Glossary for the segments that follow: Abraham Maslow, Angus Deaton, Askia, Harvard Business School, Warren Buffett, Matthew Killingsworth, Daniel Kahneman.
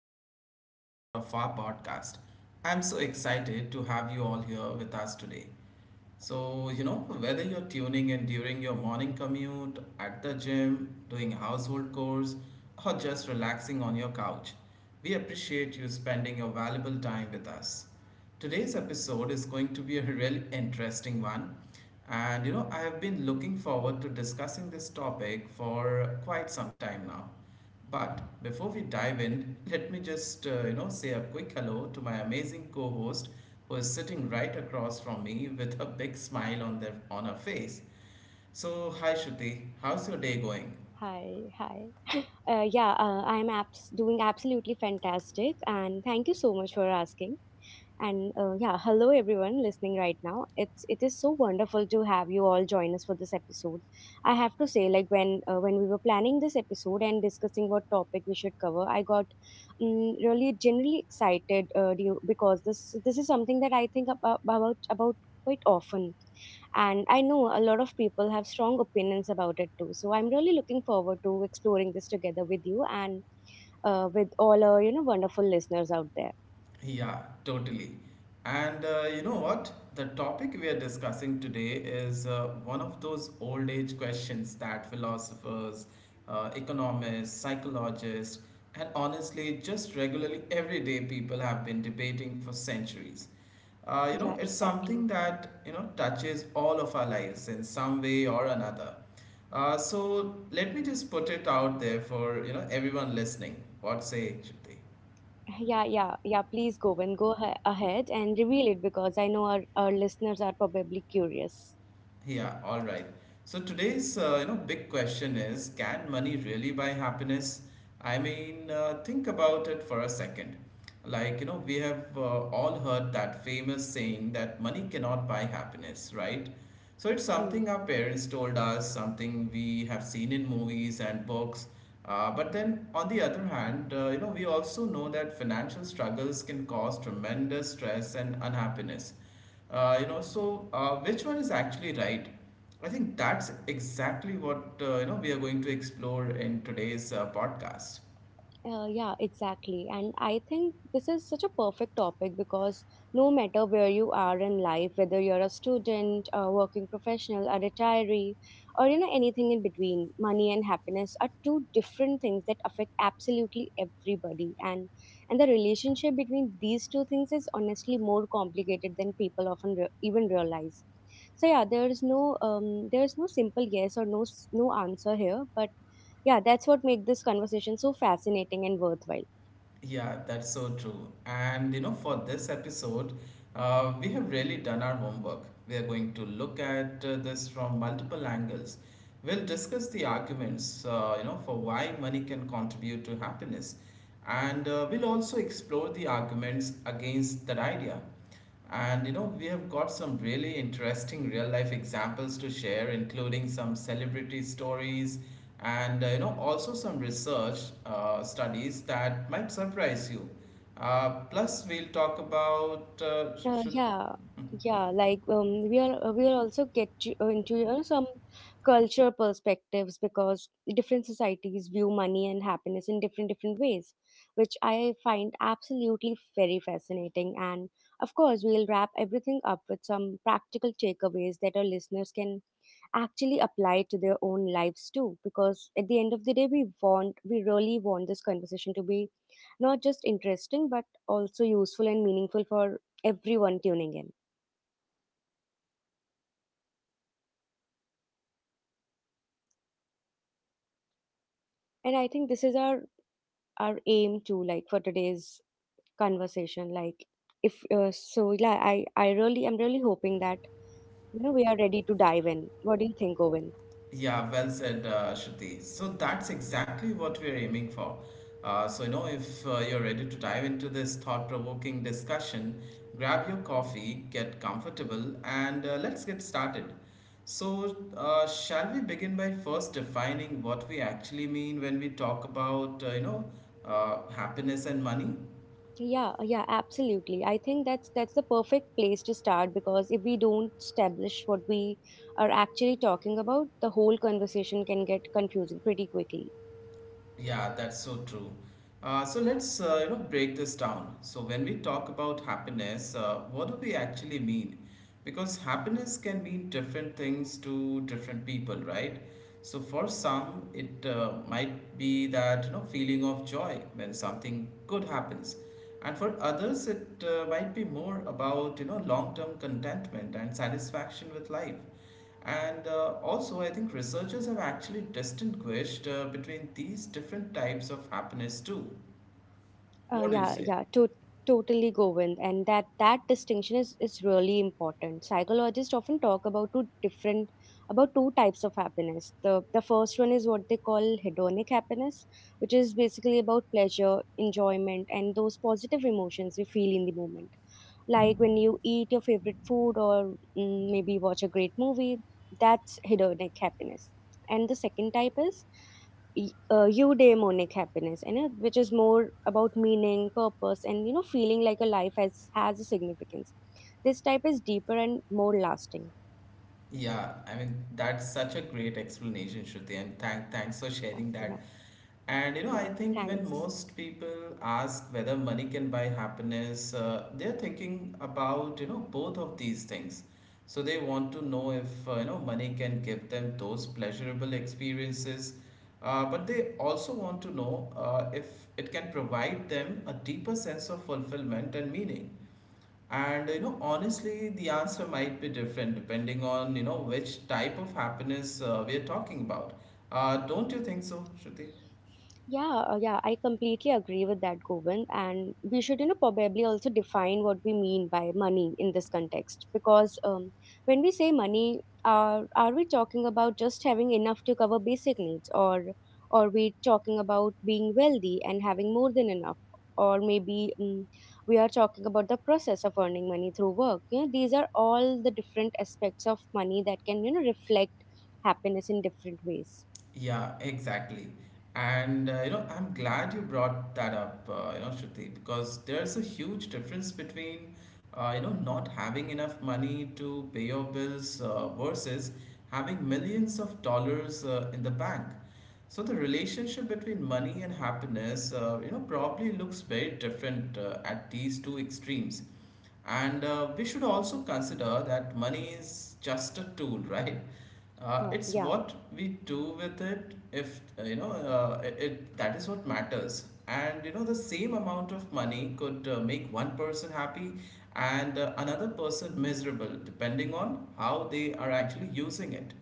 to another episode of our podcast. I'm so excited to have you all here with us today. So, you know, whether you're tuning in during your morning commute, at the gym, doing household chores, or just relaxing on your couch, we appreciate you spending your valuable time with us. Today's episode is going to be a really interesting one. And you know, I have been looking forward to discussing this topic for quite some time now. But before we dive in, let me just you know say a quick hello to my amazing co-host who is sitting right across from me with a big smile on their on her face. So hi Shruti, how's your day going? Hi, hi. Yeah, I'm doing absolutely fantastic, and thank you so much for asking. Hello everyone listening right now. It is so wonderful to have you all join us for this episode. I have to say, like when we were planning this episode and discussing what topic we should cover, I got really generally excited because this is something that I think about quite often, and I know a lot of people have strong opinions about it too. So I'm really looking forward to exploring this together with you and with all our wonderful listeners out there. Yeah, totally. And you know what? The topic we are discussing today is one of those old age questions that philosophers, economists, psychologists, and honestly, just regularly everyday people have been debating for centuries. You know, Yeah, it's something exactly. that, you know, touches all of our lives in some way or another. So let me just put it out there for, you know, everyone listening. What say, Shruti? Yeah, yeah, yeah. Please go ahead and reveal it because I know our listeners are probably curious. Yeah, all right. So today's you know big question is, can money really buy happiness? I mean, think about it for a second. Like, you know, we have all heard that famous saying that money cannot buy happiness, right? So it's Hmm. something our parents told us, something we have seen in movies and books. But then on the other hand, you know, we also know that financial struggles can cause tremendous stress and unhappiness. So which one is actually right? I think that's exactly what you know we are going to explore in today's podcast. Yeah, exactly. And I think this is such a perfect topic because no matter where you are in life, whether you're a student, a working professional, a retiree, or you know anything in between, money and happiness are two different things that affect absolutely everybody. And the relationship between these two things is honestly more complicated than people often even realize. So yeah, there's there's no simple yes or no answer here, but yeah, that's what make this conversation so fascinating and worthwhile. Yeah, that's so true. And you know, for this episode, we have really done our homework. We are going to look at this from multiple angles. We'll discuss the arguments, you know, for why money can contribute to happiness, and we'll also explore the arguments against that idea. And you know, we have got some really interesting real life examples to share, including some celebrity stories and you know, also some research studies that might surprise you. Plus, we'll talk about. Uh, Uh, should, yeah, we are we'll also get you into some culture perspectives because different societies view money and happiness in different ways, which I find absolutely very fascinating. And of course, we'll wrap everything up with some practical takeaways that our listeners can actually apply to their own lives too. Because at the end of the day, we really want this conversation to be not just interesting but also useful and meaningful for everyone tuning in. And I think this is our aim too, like for today's conversation. Like if so, yeah, I really I am really hoping that we are ready to dive in. What do you think, Govind? Yeah, well said, Shruti. So, that's exactly what we're aiming for. So, you know, if you're ready to dive into this thought provoking discussion, grab your coffee, get comfortable, and let's get started. So, shall we begin by first defining what we actually mean when we talk about, happiness and money? Yeah, yeah, absolutely. I think that's the perfect place to start because if we don't establish what we are actually talking about, the whole conversation can get confusing pretty quickly. Yeah, that's so true. So let's you know break this down. So when we talk about happiness, what do we actually mean? Because happiness can mean different things to different people, right? So for some, it might be that you know feeling of joy when something good happens, and for others, it might be more about you know long-term contentment and satisfaction with life. And also, I think researchers have actually distinguished between these different types of happiness too. Uh, What do you yeah, say? yeah, to- Totally, Govind. And that distinction is really important. Psychologists often talk about two different about two types of happiness. The first one is what they call hedonic happiness, which is basically about pleasure, enjoyment, and those positive emotions we feel in the moment. Like when you eat your favorite food or maybe watch a great movie, that's hedonic happiness. And the second type is eudaimonic happiness, you know, which is more about meaning purpose and you know feeling like a life has a significance. This type is deeper and more lasting. Yeah, I mean, that's such a great explanation, Shruti, and thanks for Yeah, sharing yeah, that. And you know, I yeah, think when thanks. most people ask whether money can buy happiness, they're thinking about, you know, both of these things. So they want to know if, you know, money can give them those pleasurable experiences, but they also want to know if it can provide them a deeper sense of fulfillment and meaning. And you know, honestly, the answer might be different depending on, you know, which type of happiness we are talking about. Don't you think so, Shruti? Yeah, I completely agree with that, Govind. And we should, you know, probably also define what we mean by money in this context. Because when we say money, are we talking about just having enough to cover basic needs, or are we talking about being wealthy and having more than enough? Or maybe we are talking about the process of earning money through work. You know, these are all the different aspects of money that can, you know, reflect happiness in different ways. Yeah, exactly. And you know, I'm glad you brought that up, you know, Shruti, because there's a huge difference between, you know, not having enough money to pay your bills versus having millions of dollars in the bank. So the relationship between money and happiness, you know, probably looks very different at these two extremes. And we should also consider that money is just a tool, right? It's Yeah. what we do with it. If that is what matters. And you know, the same amount of money could make one person happy and another person miserable, depending on how they are actually using it.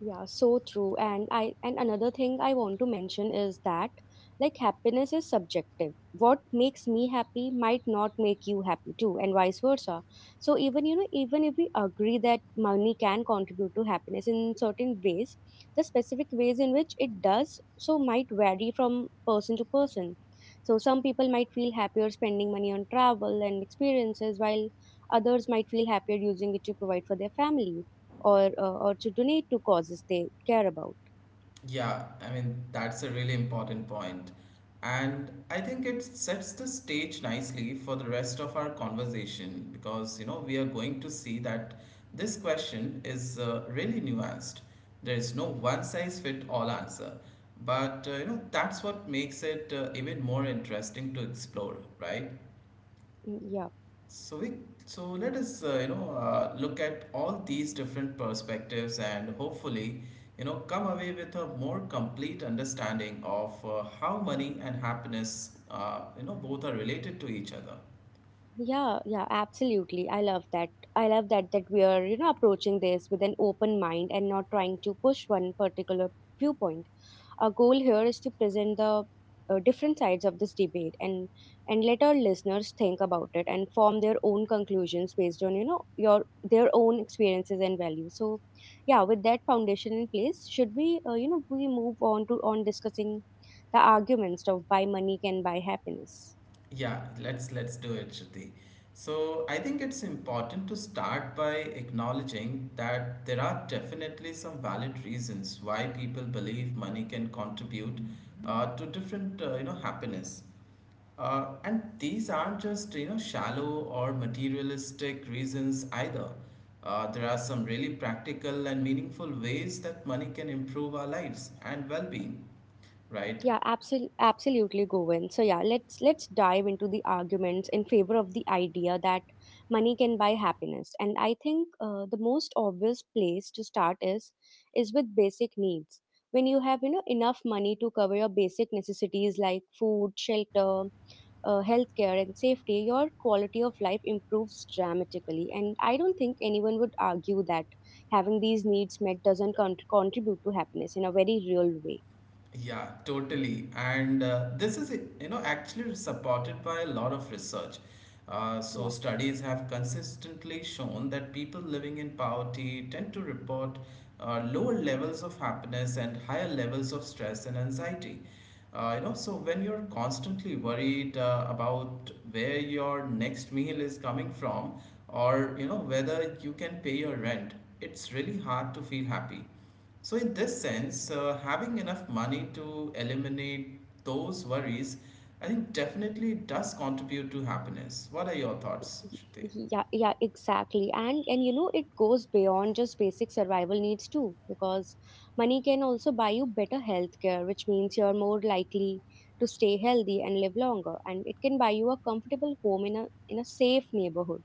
Yeah, so true. And another thing I want to mention is that like happiness is subjective. What makes me happy might not make you happy too, and vice versa. So even you know, even if we agree that money can contribute to happiness in certain ways, the specific ways in which it does so might vary from person to person. So some people might feel happier spending money on travel and experiences, while others might feel happier using it to provide for their family or to donate to causes they care about. Yeah, I mean, that's a really important point. And I think it sets the stage nicely for the rest of our conversation because, you know, we are going to see that this question is really nuanced. There is no one size fit all answer. But, you know, that's what makes it even more interesting to explore, right? Mm, yeah. So we so let us you know look at all these different perspectives and hopefully you know come away with a more complete understanding of how money and happiness you know both are related to each other. Yeah, yeah, absolutely. I love that. I love that we are, you know, approaching this with an open mind and not trying to push one particular viewpoint. Our goal here is to present the different sides of this debate and let our listeners think about it and form their own conclusions based on, you know, your their own experiences and values. So, yeah, with that foundation in place, should we, you know, we move on to on discussing the arguments of why money can buy happiness. Yeah, let's do it, Shruti. So I think it's important to start by acknowledging that there are definitely some valid reasons why people believe money can contribute to different you know happiness. And these aren't just you know shallow or materialistic reasons either. There are some really practical and meaningful ways that money can improve our lives and well-being, right? Yeah, absolutely, absolutely, Govind. So yeah, let's dive into the arguments in favor of the idea that money can buy happiness. And I think the most obvious place to start is with basic needs. When you have you know enough money to cover your basic necessities like food, shelter, healthcare, and safety, your quality of life improves dramatically. And I don't think anyone would argue that having these needs met doesn't contribute to happiness in a very real way. Yeah, totally. And this is, you know, actually supported by a lot of research. So Yeah. studies have consistently shown that people living in poverty tend to report lower levels of happiness and higher levels of stress and anxiety. You know, so when you're constantly worried about where your next meal is coming from, or you know whether you can pay your rent, it's really hard to feel happy. So, in this sense, having enough money to eliminate those worries, I think definitely does contribute to happiness. What are your thoughts, Shruti? Yeah, yeah, exactly. And you know it goes beyond just basic survival needs too because money can also buy you better health care, which means you're more likely to stay healthy and live longer. And it can buy you a comfortable home in a safe neighborhood.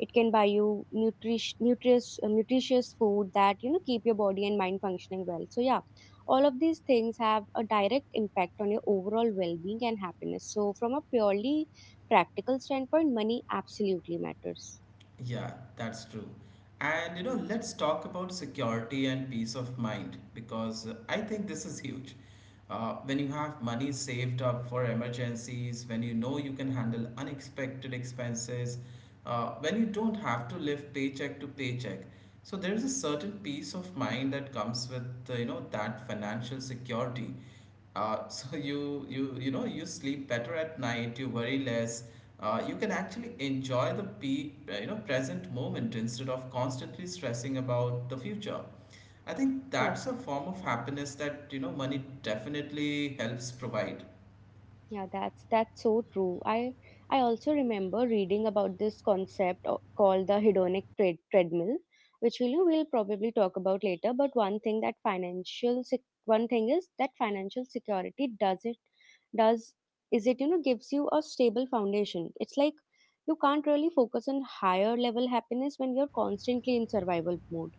It can buy you nutrish, nutritious nutritious food that you know keep your body and mind functioning well. So yeah, all of these things have a direct impact on your overall well-being and happiness. So from a purely practical standpoint, money absolutely matters. Yeah, that's true. And you know, let's talk about security and peace of mind because I think this is huge. When you have money saved up for emergencies, when you know you can handle unexpected expenses, when you don't have to live paycheck to paycheck. So there is a certain peace of mind that comes with you know that financial security. So you know you sleep better at night, you worry less, you can actually enjoy the you know present moment instead of constantly stressing about the future. I think Yeah. that's a form of happiness that you know money definitely helps provide. Yeah, that's so true. I also remember reading about this concept called the hedonic treadmill, which we'll probably talk about later. But one thing that financial security does it does is it you know gives you a stable foundation. It's like you can't really focus on higher level happiness when you're constantly in survival mode.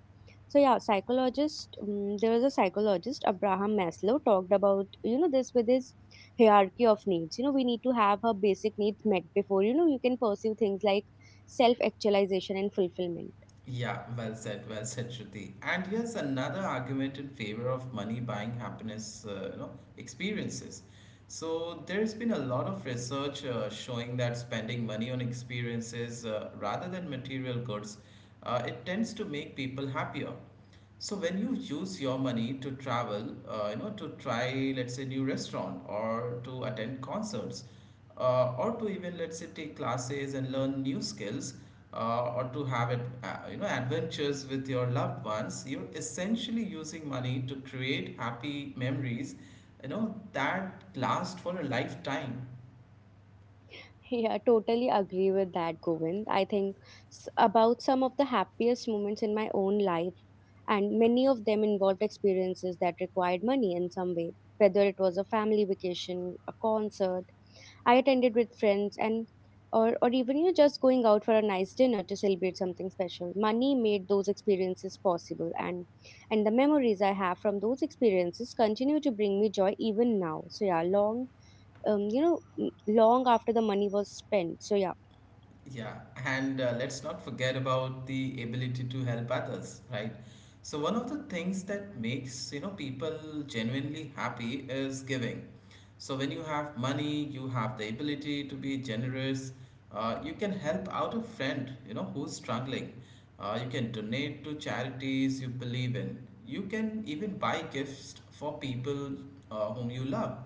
So yeah, psychologist. There was a psychologist, Abraham Maslow, talked about you know this with his hierarchy of needs. You know, we need to have our basic needs met before you know you can pursue things like self actualization and fulfillment. Yeah, well said, well said, Shruti. And here's another argument in favor of money buying happiness, you know, experiences. So there's been a lot of research showing that spending money on experiences rather than material goods it tends to make people happier. So when you use your money to travel, you know, to try, let's say, new restaurant or to attend concerts, or to even let's say take classes and learn new skills, or to have it, you know, adventures with your loved ones, you're essentially using money to create happy memories, you know, that last for a lifetime. Yeah, totally agree with that, Govind. I think about some of the happiest moments in my own life, and many of them involved experiences that required money in some way, whether it was a family vacation, a concert I attended with friends, or even you know just going out for a nice dinner to celebrate something special. Money made those experiences possible, and the memories I have from those experiences continue to bring me joy even now. So yeah, long long after the money was spent. So yeah. Yeah, and let's not forget about the ability to help others, right? So one of the things that makes, you know, people genuinely happy is giving. So when you have money, you have the ability to be generous. You can help out a friend, you know, who's struggling. You can donate to charities you believe in. You can even buy gifts for people whom you love.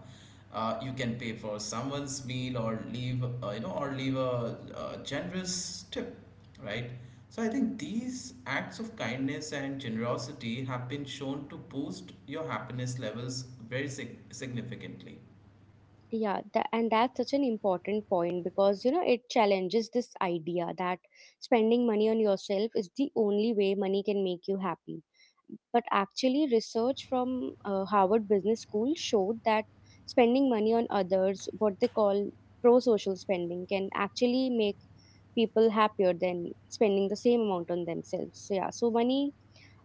You can pay for someone's meal or leave, you know, or leave a generous tip, right? So I think these acts of kindness and generosity have been shown to boost your happiness levels very significantly. Yeah, that, and that's such an important point because you know it challenges this idea that spending money on yourself is the only way money can make you happy. But actually, research from Harvard Business School showed that spending money on others, what they call pro social spending, can actually make people happier than spending the same amount on themselves. So, yeah, so money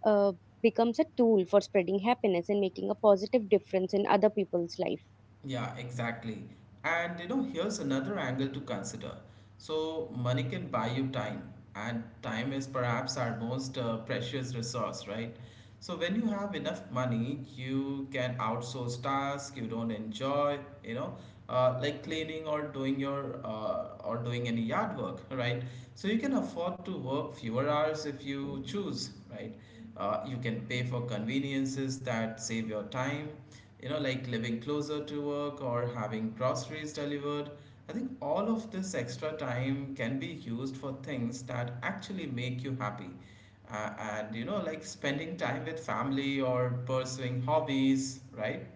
uh, becomes a tool for spreading happiness and making a positive difference in other people's life. Yeah, exactly. And you know, here's another angle to consider. So, money can buy you time, and time is perhaps our most precious resource, right? So, when you have enough money, you can outsource tasks you don't enjoy, you know, like cleaning or doing your or doing any yard work, right? So, you can afford to work fewer hours if you choose, right? You can pay for conveniences that save your time, you know, like living closer to work or having groceries delivered. I think all of this extra time can be used for things that actually make you happy. And, you know, like spending time with family or pursuing hobbies, right?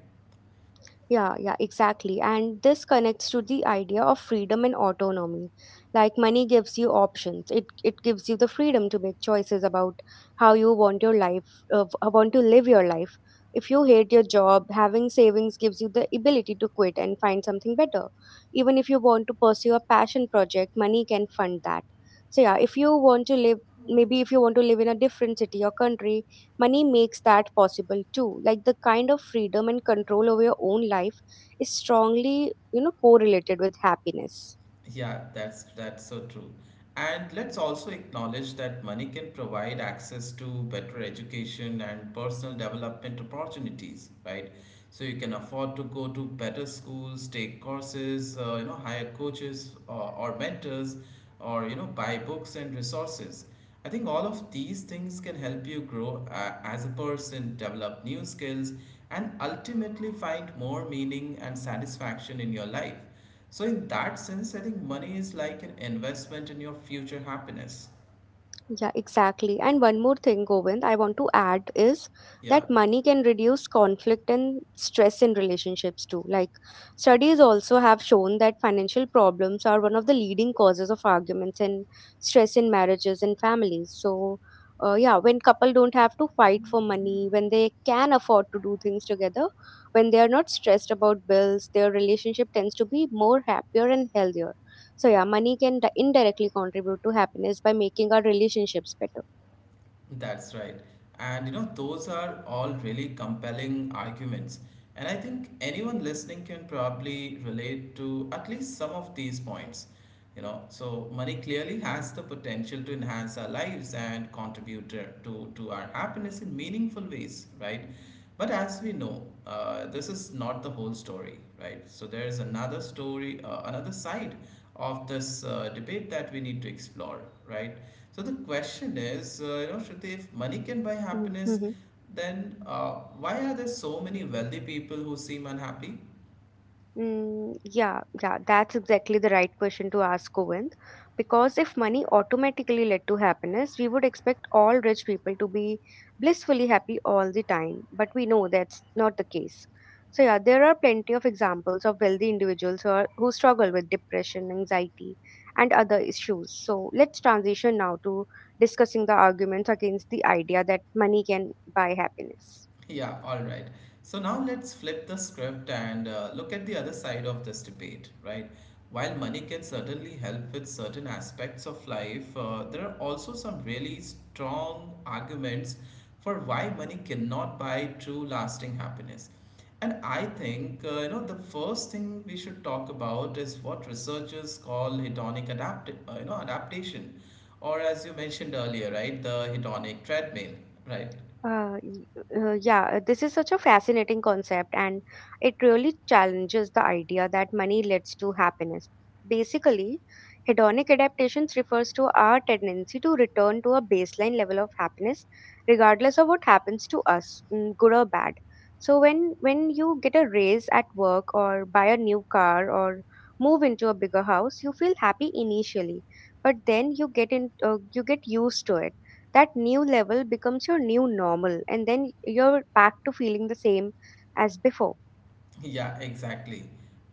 Yeah, yeah, exactly. And this connects to the idea of freedom and autonomy. Like money gives you options. It gives you the freedom to make choices about how you want to live your life. If you hate your job, having savings gives you the ability to quit and find something better. Even if you want to pursue a passion project, money can fund that. So yeah, if you want to live, maybe if you want to live in a different city or country, money makes that possible too. Like the kind of freedom and control over your own life is strongly you know correlated with happiness. Yeah, that's so true. And let's also acknowledge that money can provide access to better education and personal development opportunities, right? So you can afford to go to better schools, take courses, hire coaches or, mentors, or buy books and resources. I think all of these things can help you grow as a person, develop new skills, and ultimately find more meaning and satisfaction in your life. So in that sense, I think money is like an investment in your future happiness. Yeah, exactly. And one more thing, Govind, I want to add is Yeah. that money can reduce conflict and stress in relationships too. Like, studies also have shown that financial problems are one of the leading causes of arguments and stress in marriages and families. So, yeah, when couple don't have to fight for money, when they can afford to do things together, when they are not stressed about bills, their relationship tends to be more happier and healthier. So yeah, money can indirectly contribute to happiness by making our relationships better. That's right. Those are all really compelling arguments. And I think anyone listening can probably relate to at least some of these points. So money clearly has the potential to enhance our lives and contribute to our happiness in meaningful ways, right? But as we know, this is not the whole story, right? So there is another story, another side of this debate that we need to explore, right? So the question is, Shruti, if money can buy happiness, Mhm. then why are there so many wealthy people who seem unhappy? Yeah, yeah, that's exactly the right question to ask, Govind. Because if money automatically led to happiness, we would expect all rich people to be blissfully happy all the time. But we know that's not the case. So, yeah, there are plenty of examples of wealthy individuals who struggle with depression, anxiety, and other issues. So, let's transition now to discussing the arguments against the idea that money can buy happiness. Yeah, all right. So now let's flip the script and look at the other side of this debate, right? While money can certainly help with certain aspects of life, there are also some really strong arguments for why money cannot buy true lasting happiness. And I think, the first thing we should talk about is what researchers call hedonic adaptation, or as you mentioned earlier, right, the hedonic treadmill, right? Uh, y- yeah, this is such a fascinating concept, and it really challenges the idea that money leads to happiness. Basically, hedonic adaptations refers to our tendency to return to a baseline level of happiness, regardless of what happens to us, good or bad. So when you get a raise at work or buy a new car or move into a bigger house, you feel happy initially, but then you get used to it. That new level becomes your new normal, and then you're back to feeling the same as before. Yeah, exactly.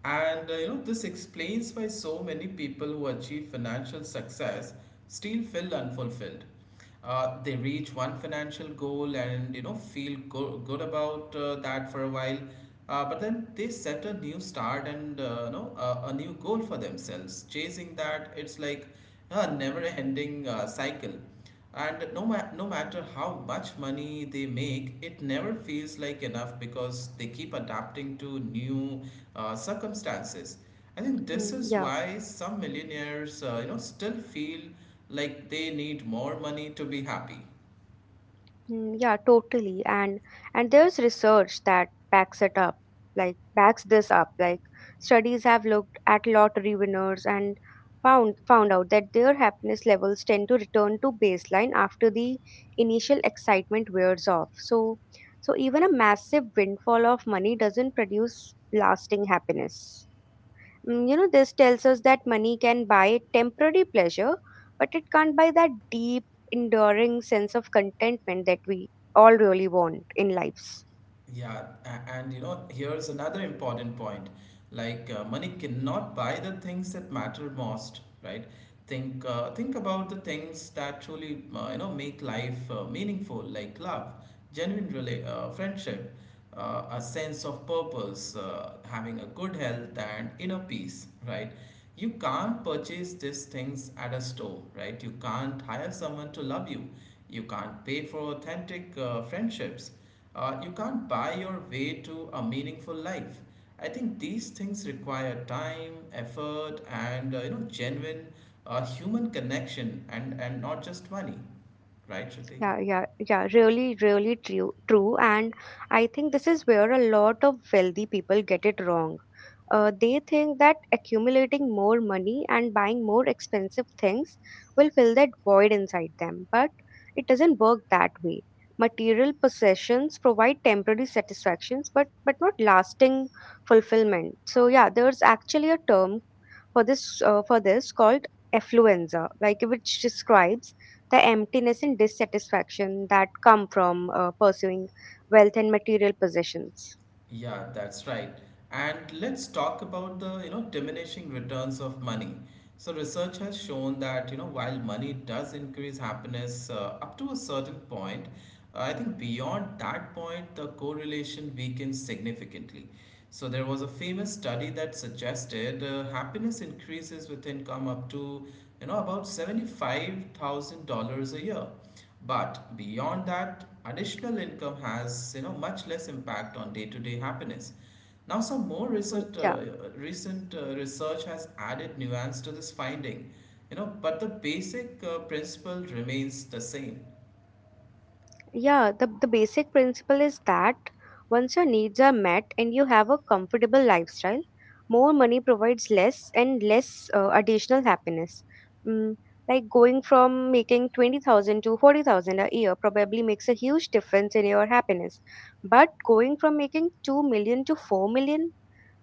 And this explains why so many people who achieve financial success still feel unfulfilled. They reach one financial goal and feel good about that for a while, but then they set a new start and a, new goal for themselves. Chasing that, it's like a never-ending cycle. And no matter how much money they make, it never feels like enough because they keep adapting to new circumstances. I think this Mm, is yeah. why some millionaires, still feel like they need more money to be happy. Yeah, totally. And there's research that backs it up, like backs this up like studies have looked at lottery winners and found out that their happiness levels tend to return to baseline after the initial excitement wears off. So, so even a massive windfall of money doesn't produce lasting happiness. You know, this tells us that money can buy temporary pleasure, but it can't buy that deep, enduring sense of contentment that we all really want in lives. Yeah, and here's another important point. Like money cannot buy the things that matter most, right? Think about the things that truly make life meaningful, like love, genuine friendship, a sense of purpose, having a good health and inner peace, right? You can't purchase these things at a store, right? You can't hire someone to love you. You can't pay for authentic friendships you can't buy your way to a meaningful life. I think these things require time, effort, and genuine human connection, and not just money, right, Shruti? Yeah, yeah, yeah, really, really true, true. And I think this is where a lot of wealthy people get it wrong. They think that accumulating more money and buying more expensive things will fill that void inside them, but it doesn't work that way. Material possessions provide temporary satisfactions, but not lasting fulfillment. So yeah, there's actually a term for this called affluenza, like which describes the emptiness and dissatisfaction that come from pursuing wealth and material possessions. Yeah, that's right. And let's talk about the, diminishing returns of money. So research has shown that, while money does increase happiness up to a certain point, I think beyond that point, the correlation weakens significantly. So there was a famous study that suggested happiness increases with income up to, about $75,000 a year. But beyond that, additional income has much less impact on day-to-day happiness. Now, some more Mm. recent Yeah. uh, recent uh, research has added nuance to this finding, but the basic principle remains the same. Yeah, the basic principle is that once your needs are met and you have a comfortable lifestyle, more money provides less and less additional happiness. Mm, like going from making 20,000 to 40,000 a year probably makes a huge difference in your happiness. But going from making 2 million to 4 million,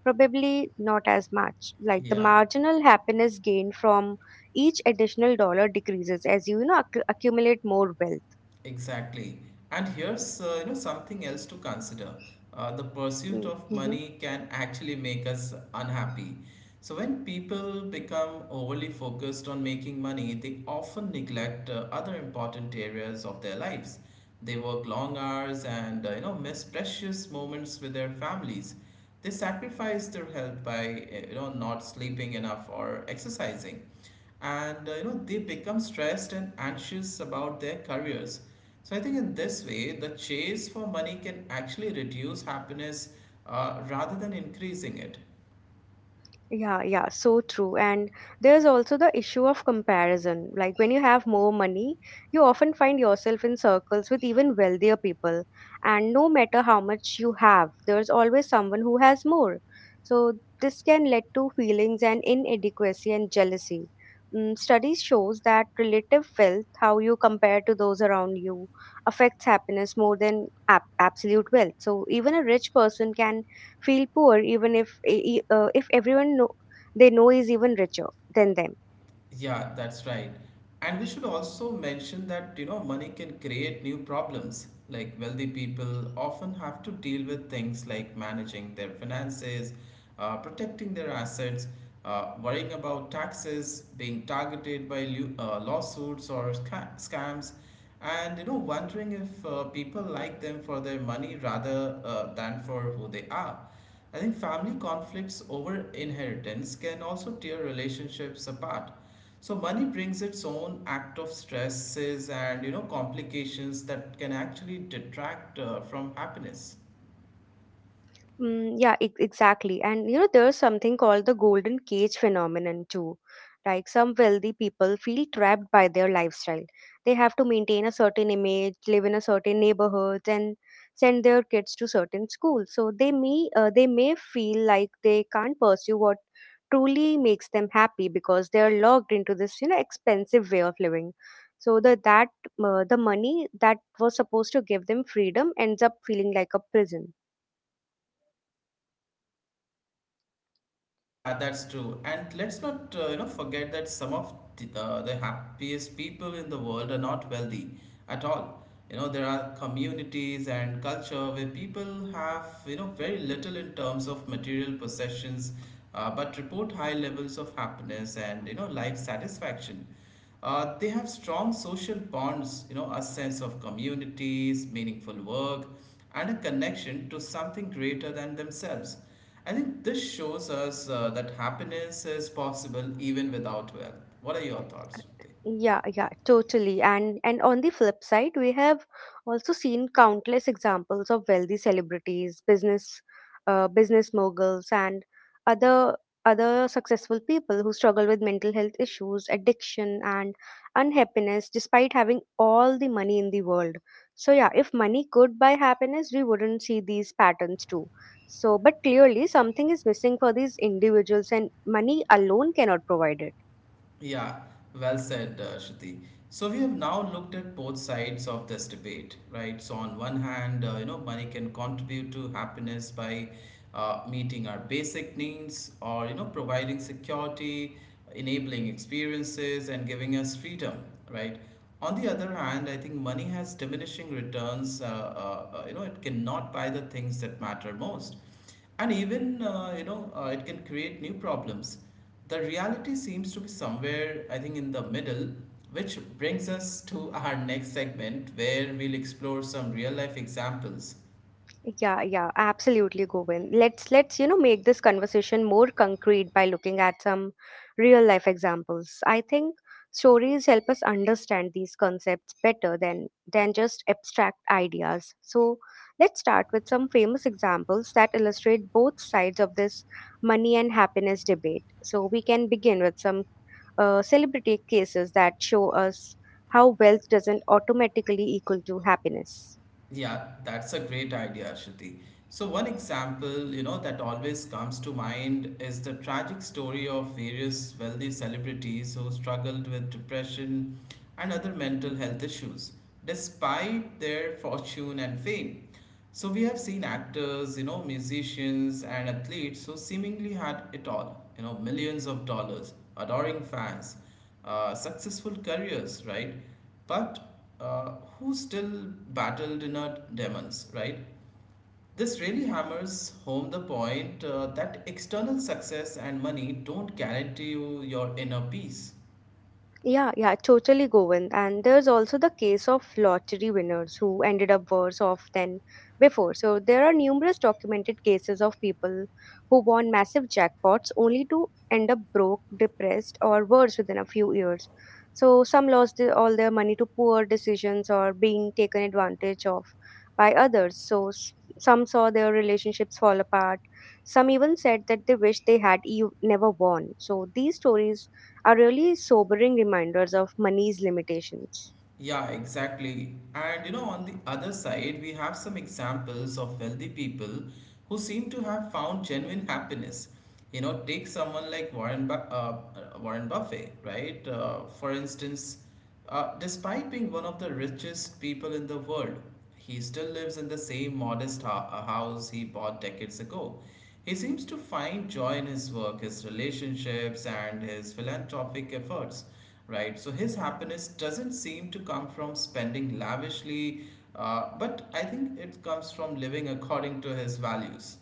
probably not as much. Like the Yeah. marginal happiness gained from each additional dollar decreases as you, you know, accumulate more wealth. Exactly. And here's something else to consider. The pursuit Mm. of Mm-hmm. money can actually make us unhappy. So when people become overly focused on making money, they often neglect other important areas of their lives. They work long hours and miss precious moments with their families. They sacrifice their health by not sleeping enough or exercising and they become stressed and anxious about their careers, so I think in this way the chase for money can actually reduce happiness rather than increasing it. Yeah, yeah, so true. And there's also the issue of comparison. Like when you have more money, you often find yourself in circles with even wealthier people. And no matter how much you have, there's always someone who has more. So this can lead to feelings and inadequacy and jealousy. Studies shows that relative wealth, how you compare to those around you, affects happiness more than absolute wealth. So even a rich person can feel poor even if e- e- if everyone know, they know is even richer than them. Yeah, that's right. And we should also mention that, money can create new problems. Like wealthy people often have to deal with things like managing their finances, protecting their assets, worrying about taxes, being targeted by lawsuits or scams, and, wondering if people like them for their money rather than for who they are. I think family conflicts over inheritance can also tear relationships apart, so money brings its own act of stresses and complications that can actually detract from happiness. Yeah, exactly. And you know, there's something called the golden cage phenomenon too. Like some wealthy people feel trapped by their lifestyle. They have to maintain a certain image, live in a certain neighborhood, and send their kids to certain schools. So they may feel like they can't pursue what truly makes them happy because they are locked into this, you know, expensive way of living. So the money that was supposed to give them freedom ends up feeling like a prison. Yeah, that's true. And let's not forget that some of the happiest people in the world are not wealthy at all. You know, there are communities and culture where people have very little in terms of material possessions, but report high levels of happiness and life satisfaction. They have strong social bonds, a sense of communities, meaningful work, and a connection to something greater than themselves. I think this shows us that happiness is possible even without wealth. What are your thoughts, Shruti? Yeah, yeah, totally. And on the flip side, we have also seen countless examples of wealthy celebrities, business moguls, and other other successful people who struggle with mental health issues, addiction, and unhappiness despite having all the money in the world. So yeah, if money could buy happiness, we wouldn't see these patterns too. So, but clearly something is missing for these individuals, and money alone cannot provide it. Yeah, well said, Shruti. So we have now looked at both sides of this debate, right? So on one hand, money can contribute to happiness by meeting our basic needs, or providing security, enabling experiences, and giving us freedom, right? On the other hand, I think money has diminishing returns. It cannot buy the things that matter most. And even, it can create new problems. The reality seems to be somewhere, I think, in the middle, which brings us to our next segment where we'll explore some real life examples. Yeah, yeah, absolutely, Govind. Let's you know make this conversation more concrete by looking at some real life examples. I think stories help us understand these concepts better than just abstract ideas. So let's start with some famous examples that illustrate both sides of this money and happiness debate. So we can begin with some celebrity cases that show us how wealth doesn't automatically equal to happiness. Yeah, that's a great idea, Shruti. So, one example, that always comes to mind is the tragic story of various wealthy celebrities who struggled with depression and other mental health issues despite their fortune and fame. So we have seen actors, musicians and athletes who seemingly had it all, millions of dollars, adoring fans, successful careers, right? But who still battled inner demons, right? This really hammers home the point that external success and money don't guarantee you your inner peace. Yeah, yeah, totally, Govind. And there's also the case of lottery winners who ended up worse off than before. So there are numerous documented cases of people who won massive jackpots only to end up broke, depressed, or worse within a few years. So some lost all their money to poor decisions or being taken advantage of by others. So some saw their relationships fall apart. Some even said that they wish they had never won. So these stories are really sobering reminders of money's limitations. Yeah, exactly. And on the other side, we have some examples of wealthy people who seem to have found genuine happiness. You know, take someone like Warren Buffett, right? For instance, despite being one of the richest people in the world, he still lives in the same modest house he bought decades ago. He seems to find joy in his work, his relationships, and his philanthropic efforts. Right, so his happiness doesn't seem to come from spending lavishly, but I think it comes from living according to his values.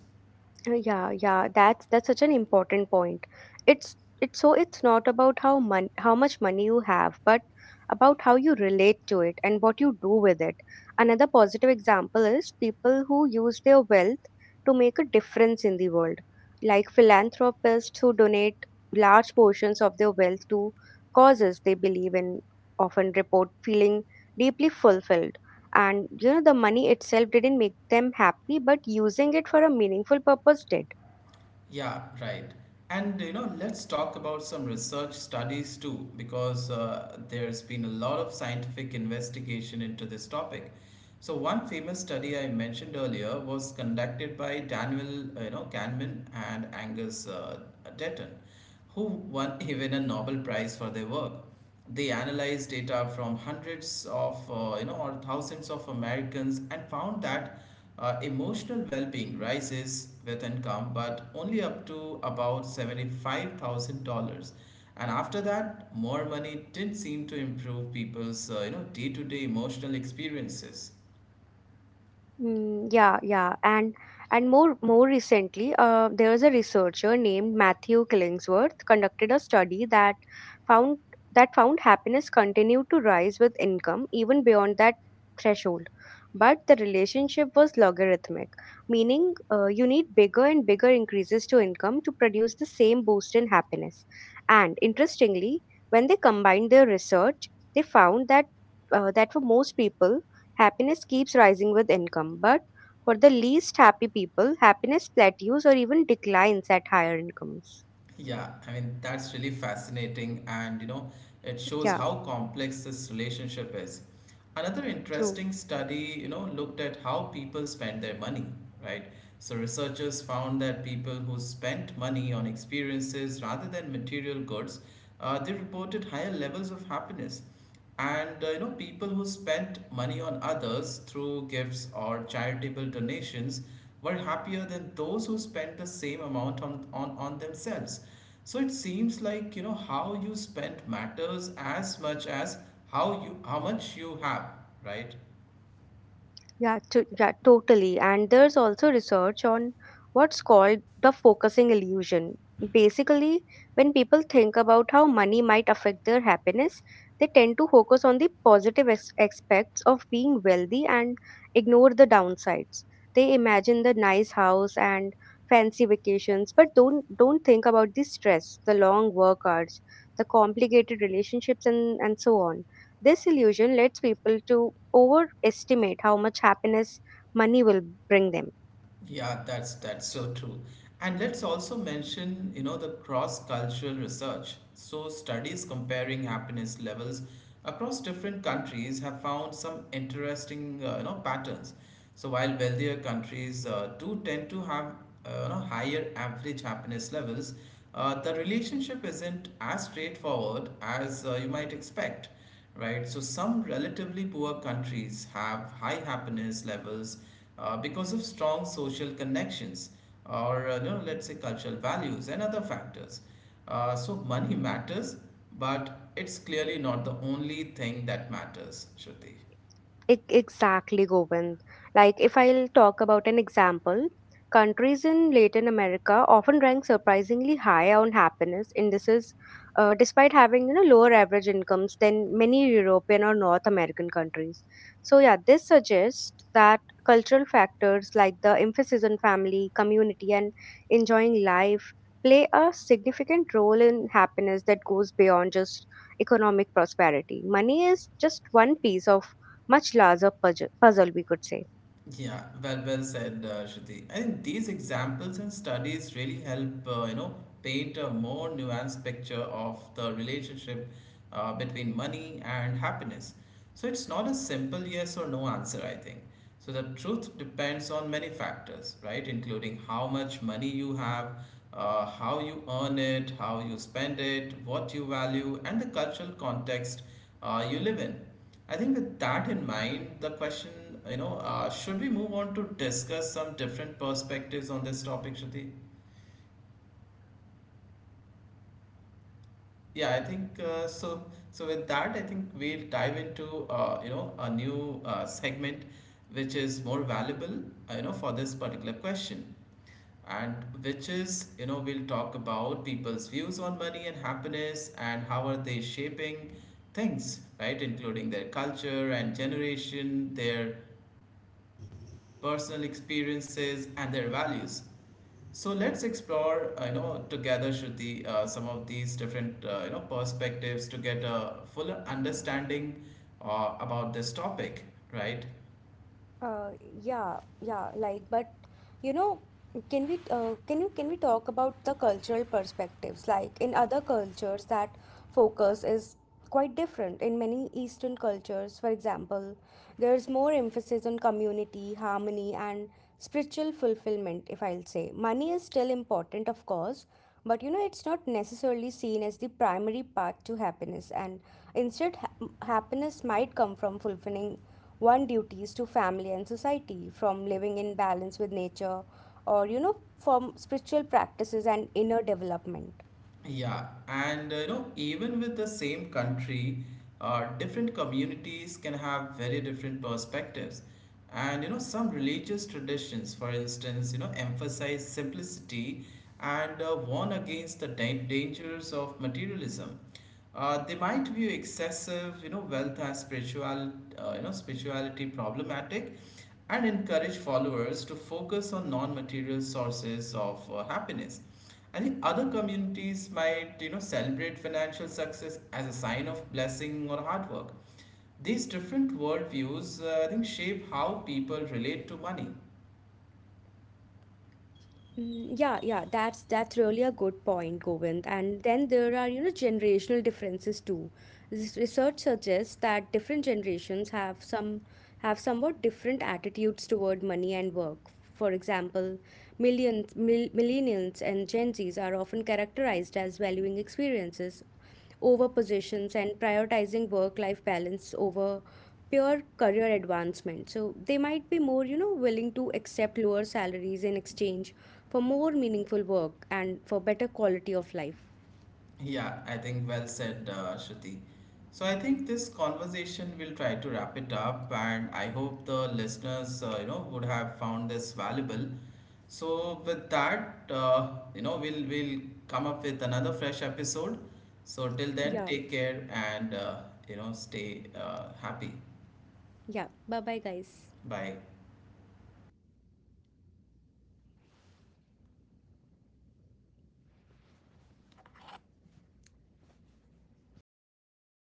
Yeah, yeah, that's such an important point. It's it's it's not about how much money you have, but about how you relate to it and what you do with it. Another positive example is people who use their wealth to make a difference in the world, like philanthropists who donate large portions of their wealth to causes they believe in, often report feeling deeply fulfilled. And you know, the money itself didn't make them happy, but using it for a meaningful purpose did. Yeah, right. And let's talk about some research studies too, because there's been a lot of scientific investigation into this topic. So one famous study I mentioned earlier was conducted by Daniel, Kahneman and Angus Deaton, who won even a Nobel Prize for their work. They analyzed data from hundreds of, or thousands of Americans and found that emotional well-being rises with income, but only up to about $75,000. And after that, more money didn't seem to improve people's, day-to-day emotional experiences. Yeah, yeah, and more recently, there was a researcher named Matthew Killingsworth conducted a study found that found happiness continued to rise with income even beyond that threshold, but the relationship was logarithmic, meaning you need bigger and bigger increases to income to produce the same boost in happiness. And interestingly, when they combined their research, they found that for most people happiness keeps rising with income, but for the least happy people, happiness plateaus or even declines at higher incomes. Yeah, I mean, that's really fascinating, and it shows Yeah, how complex this relationship is. Another true. interesting study, looked at how people spend their money, right? So, researchers found that people who spent money on experiences rather than material goods, they reported higher levels of happiness. And people who spent money on others through gifts or charitable donations were happier than those who spent the same amount on, on themselves. So it seems like how you spend matters as much as how much you have, right? Yeah, totally. And there's also research on what's called the focusing illusion. Basically, when people think about how money might affect their happiness, they tend to focus on the positive aspects of being wealthy and ignore the downsides. They imagine the nice house and fancy vacations, but don't think about the stress, the long work hours, the complicated relationships, and so on. This illusion leads people to overestimate how much happiness money will bring them. Yeah, that's so true. And let's also mention, the cross-cultural research. So studies comparing happiness levels across different countries have found some interesting, patterns. So while wealthier countries do tend to have, higher average happiness levels, the relationship isn't as straightforward as you might expect. Right, so some relatively poor countries have high happiness levels because of strong social connections or no, let's say cultural values and other factors. So money matters, but it's clearly not the only thing that matters, Shruti. Exactly, Govind. Like, if I'll talk about an example, countries in Latin America often rank surprisingly high on happiness indices, despite having you know lower average incomes than many European or North American countries. So yeah, this suggests that cultural factors like the emphasis on family, community, and enjoying life play a significant role in happiness that goes beyond just economic prosperity. Money is just one piece of much larger puzzle, we could say. Yeah, well, well said, Shruti. I think these examples and studies really help, paint a more nuanced picture of the relationship between money and happiness. So it's not a simple yes or no answer, I think. So the truth depends on many factors, right? Including how much money you have, how you earn it, how you spend it, what you value, and the cultural context you live in. I think with that in mind, the question, should we move on to discuss some different perspectives on this topic, Shruti? Yeah, I think so. So with that, I think we'll dive into a new segment, which is more valuable for this particular question, and which is we'll talk about people's views on money and happiness and how are they shaping things, right? Including their culture and generation, their personal experiences and their values. So let's explore, together, Shruti, some of these different, perspectives to get a fuller understanding about this topic, right? Uh, but you know, can we talk about the cultural perspectives? Like in other cultures, that focus is quite different. In many Eastern cultures, for example, there's more emphasis on community, harmony, and spiritual fulfillment. If I'll say, money is still important, of course, but you know, it's not necessarily seen as the primary path to happiness. And instead, happiness might come from fulfilling one duties to family and society, from living in balance with nature, or you know, from spiritual practices and inner development. Yeah, and even with the same country, different communities can have very different perspectives. And some religious traditions, for instance, emphasize simplicity and warn against the dangers of materialism. They might view excessive, wealth as spirituality problematic, and encourage followers to focus on non-material sources of happiness. I think other communities might, celebrate financial success as a sign of blessing or hard work. These different worldviews, I think, shape how people relate to money. Yeah, yeah, that's really a good point, Govind. And then there are, you know, generational differences too. This research suggests that different generations have some have somewhat different attitudes toward money and work. For example, millions, mil millennials and Gen Zs are often characterized as valuing experiences over positions and prioritizing work life balance over pure career advancement. So they might be more, you know, willing to accept lower salaries in exchange for more meaningful work and for better quality of life. Yeah, I think well said, Shruti. So I think this conversation will try to wrap it up, and I hope the listeners, would have found this valuable. So with that, we'll come up with another fresh episode. So till then, Yeah. take care and stay happy. Yeah. Bye bye, guys. Bye.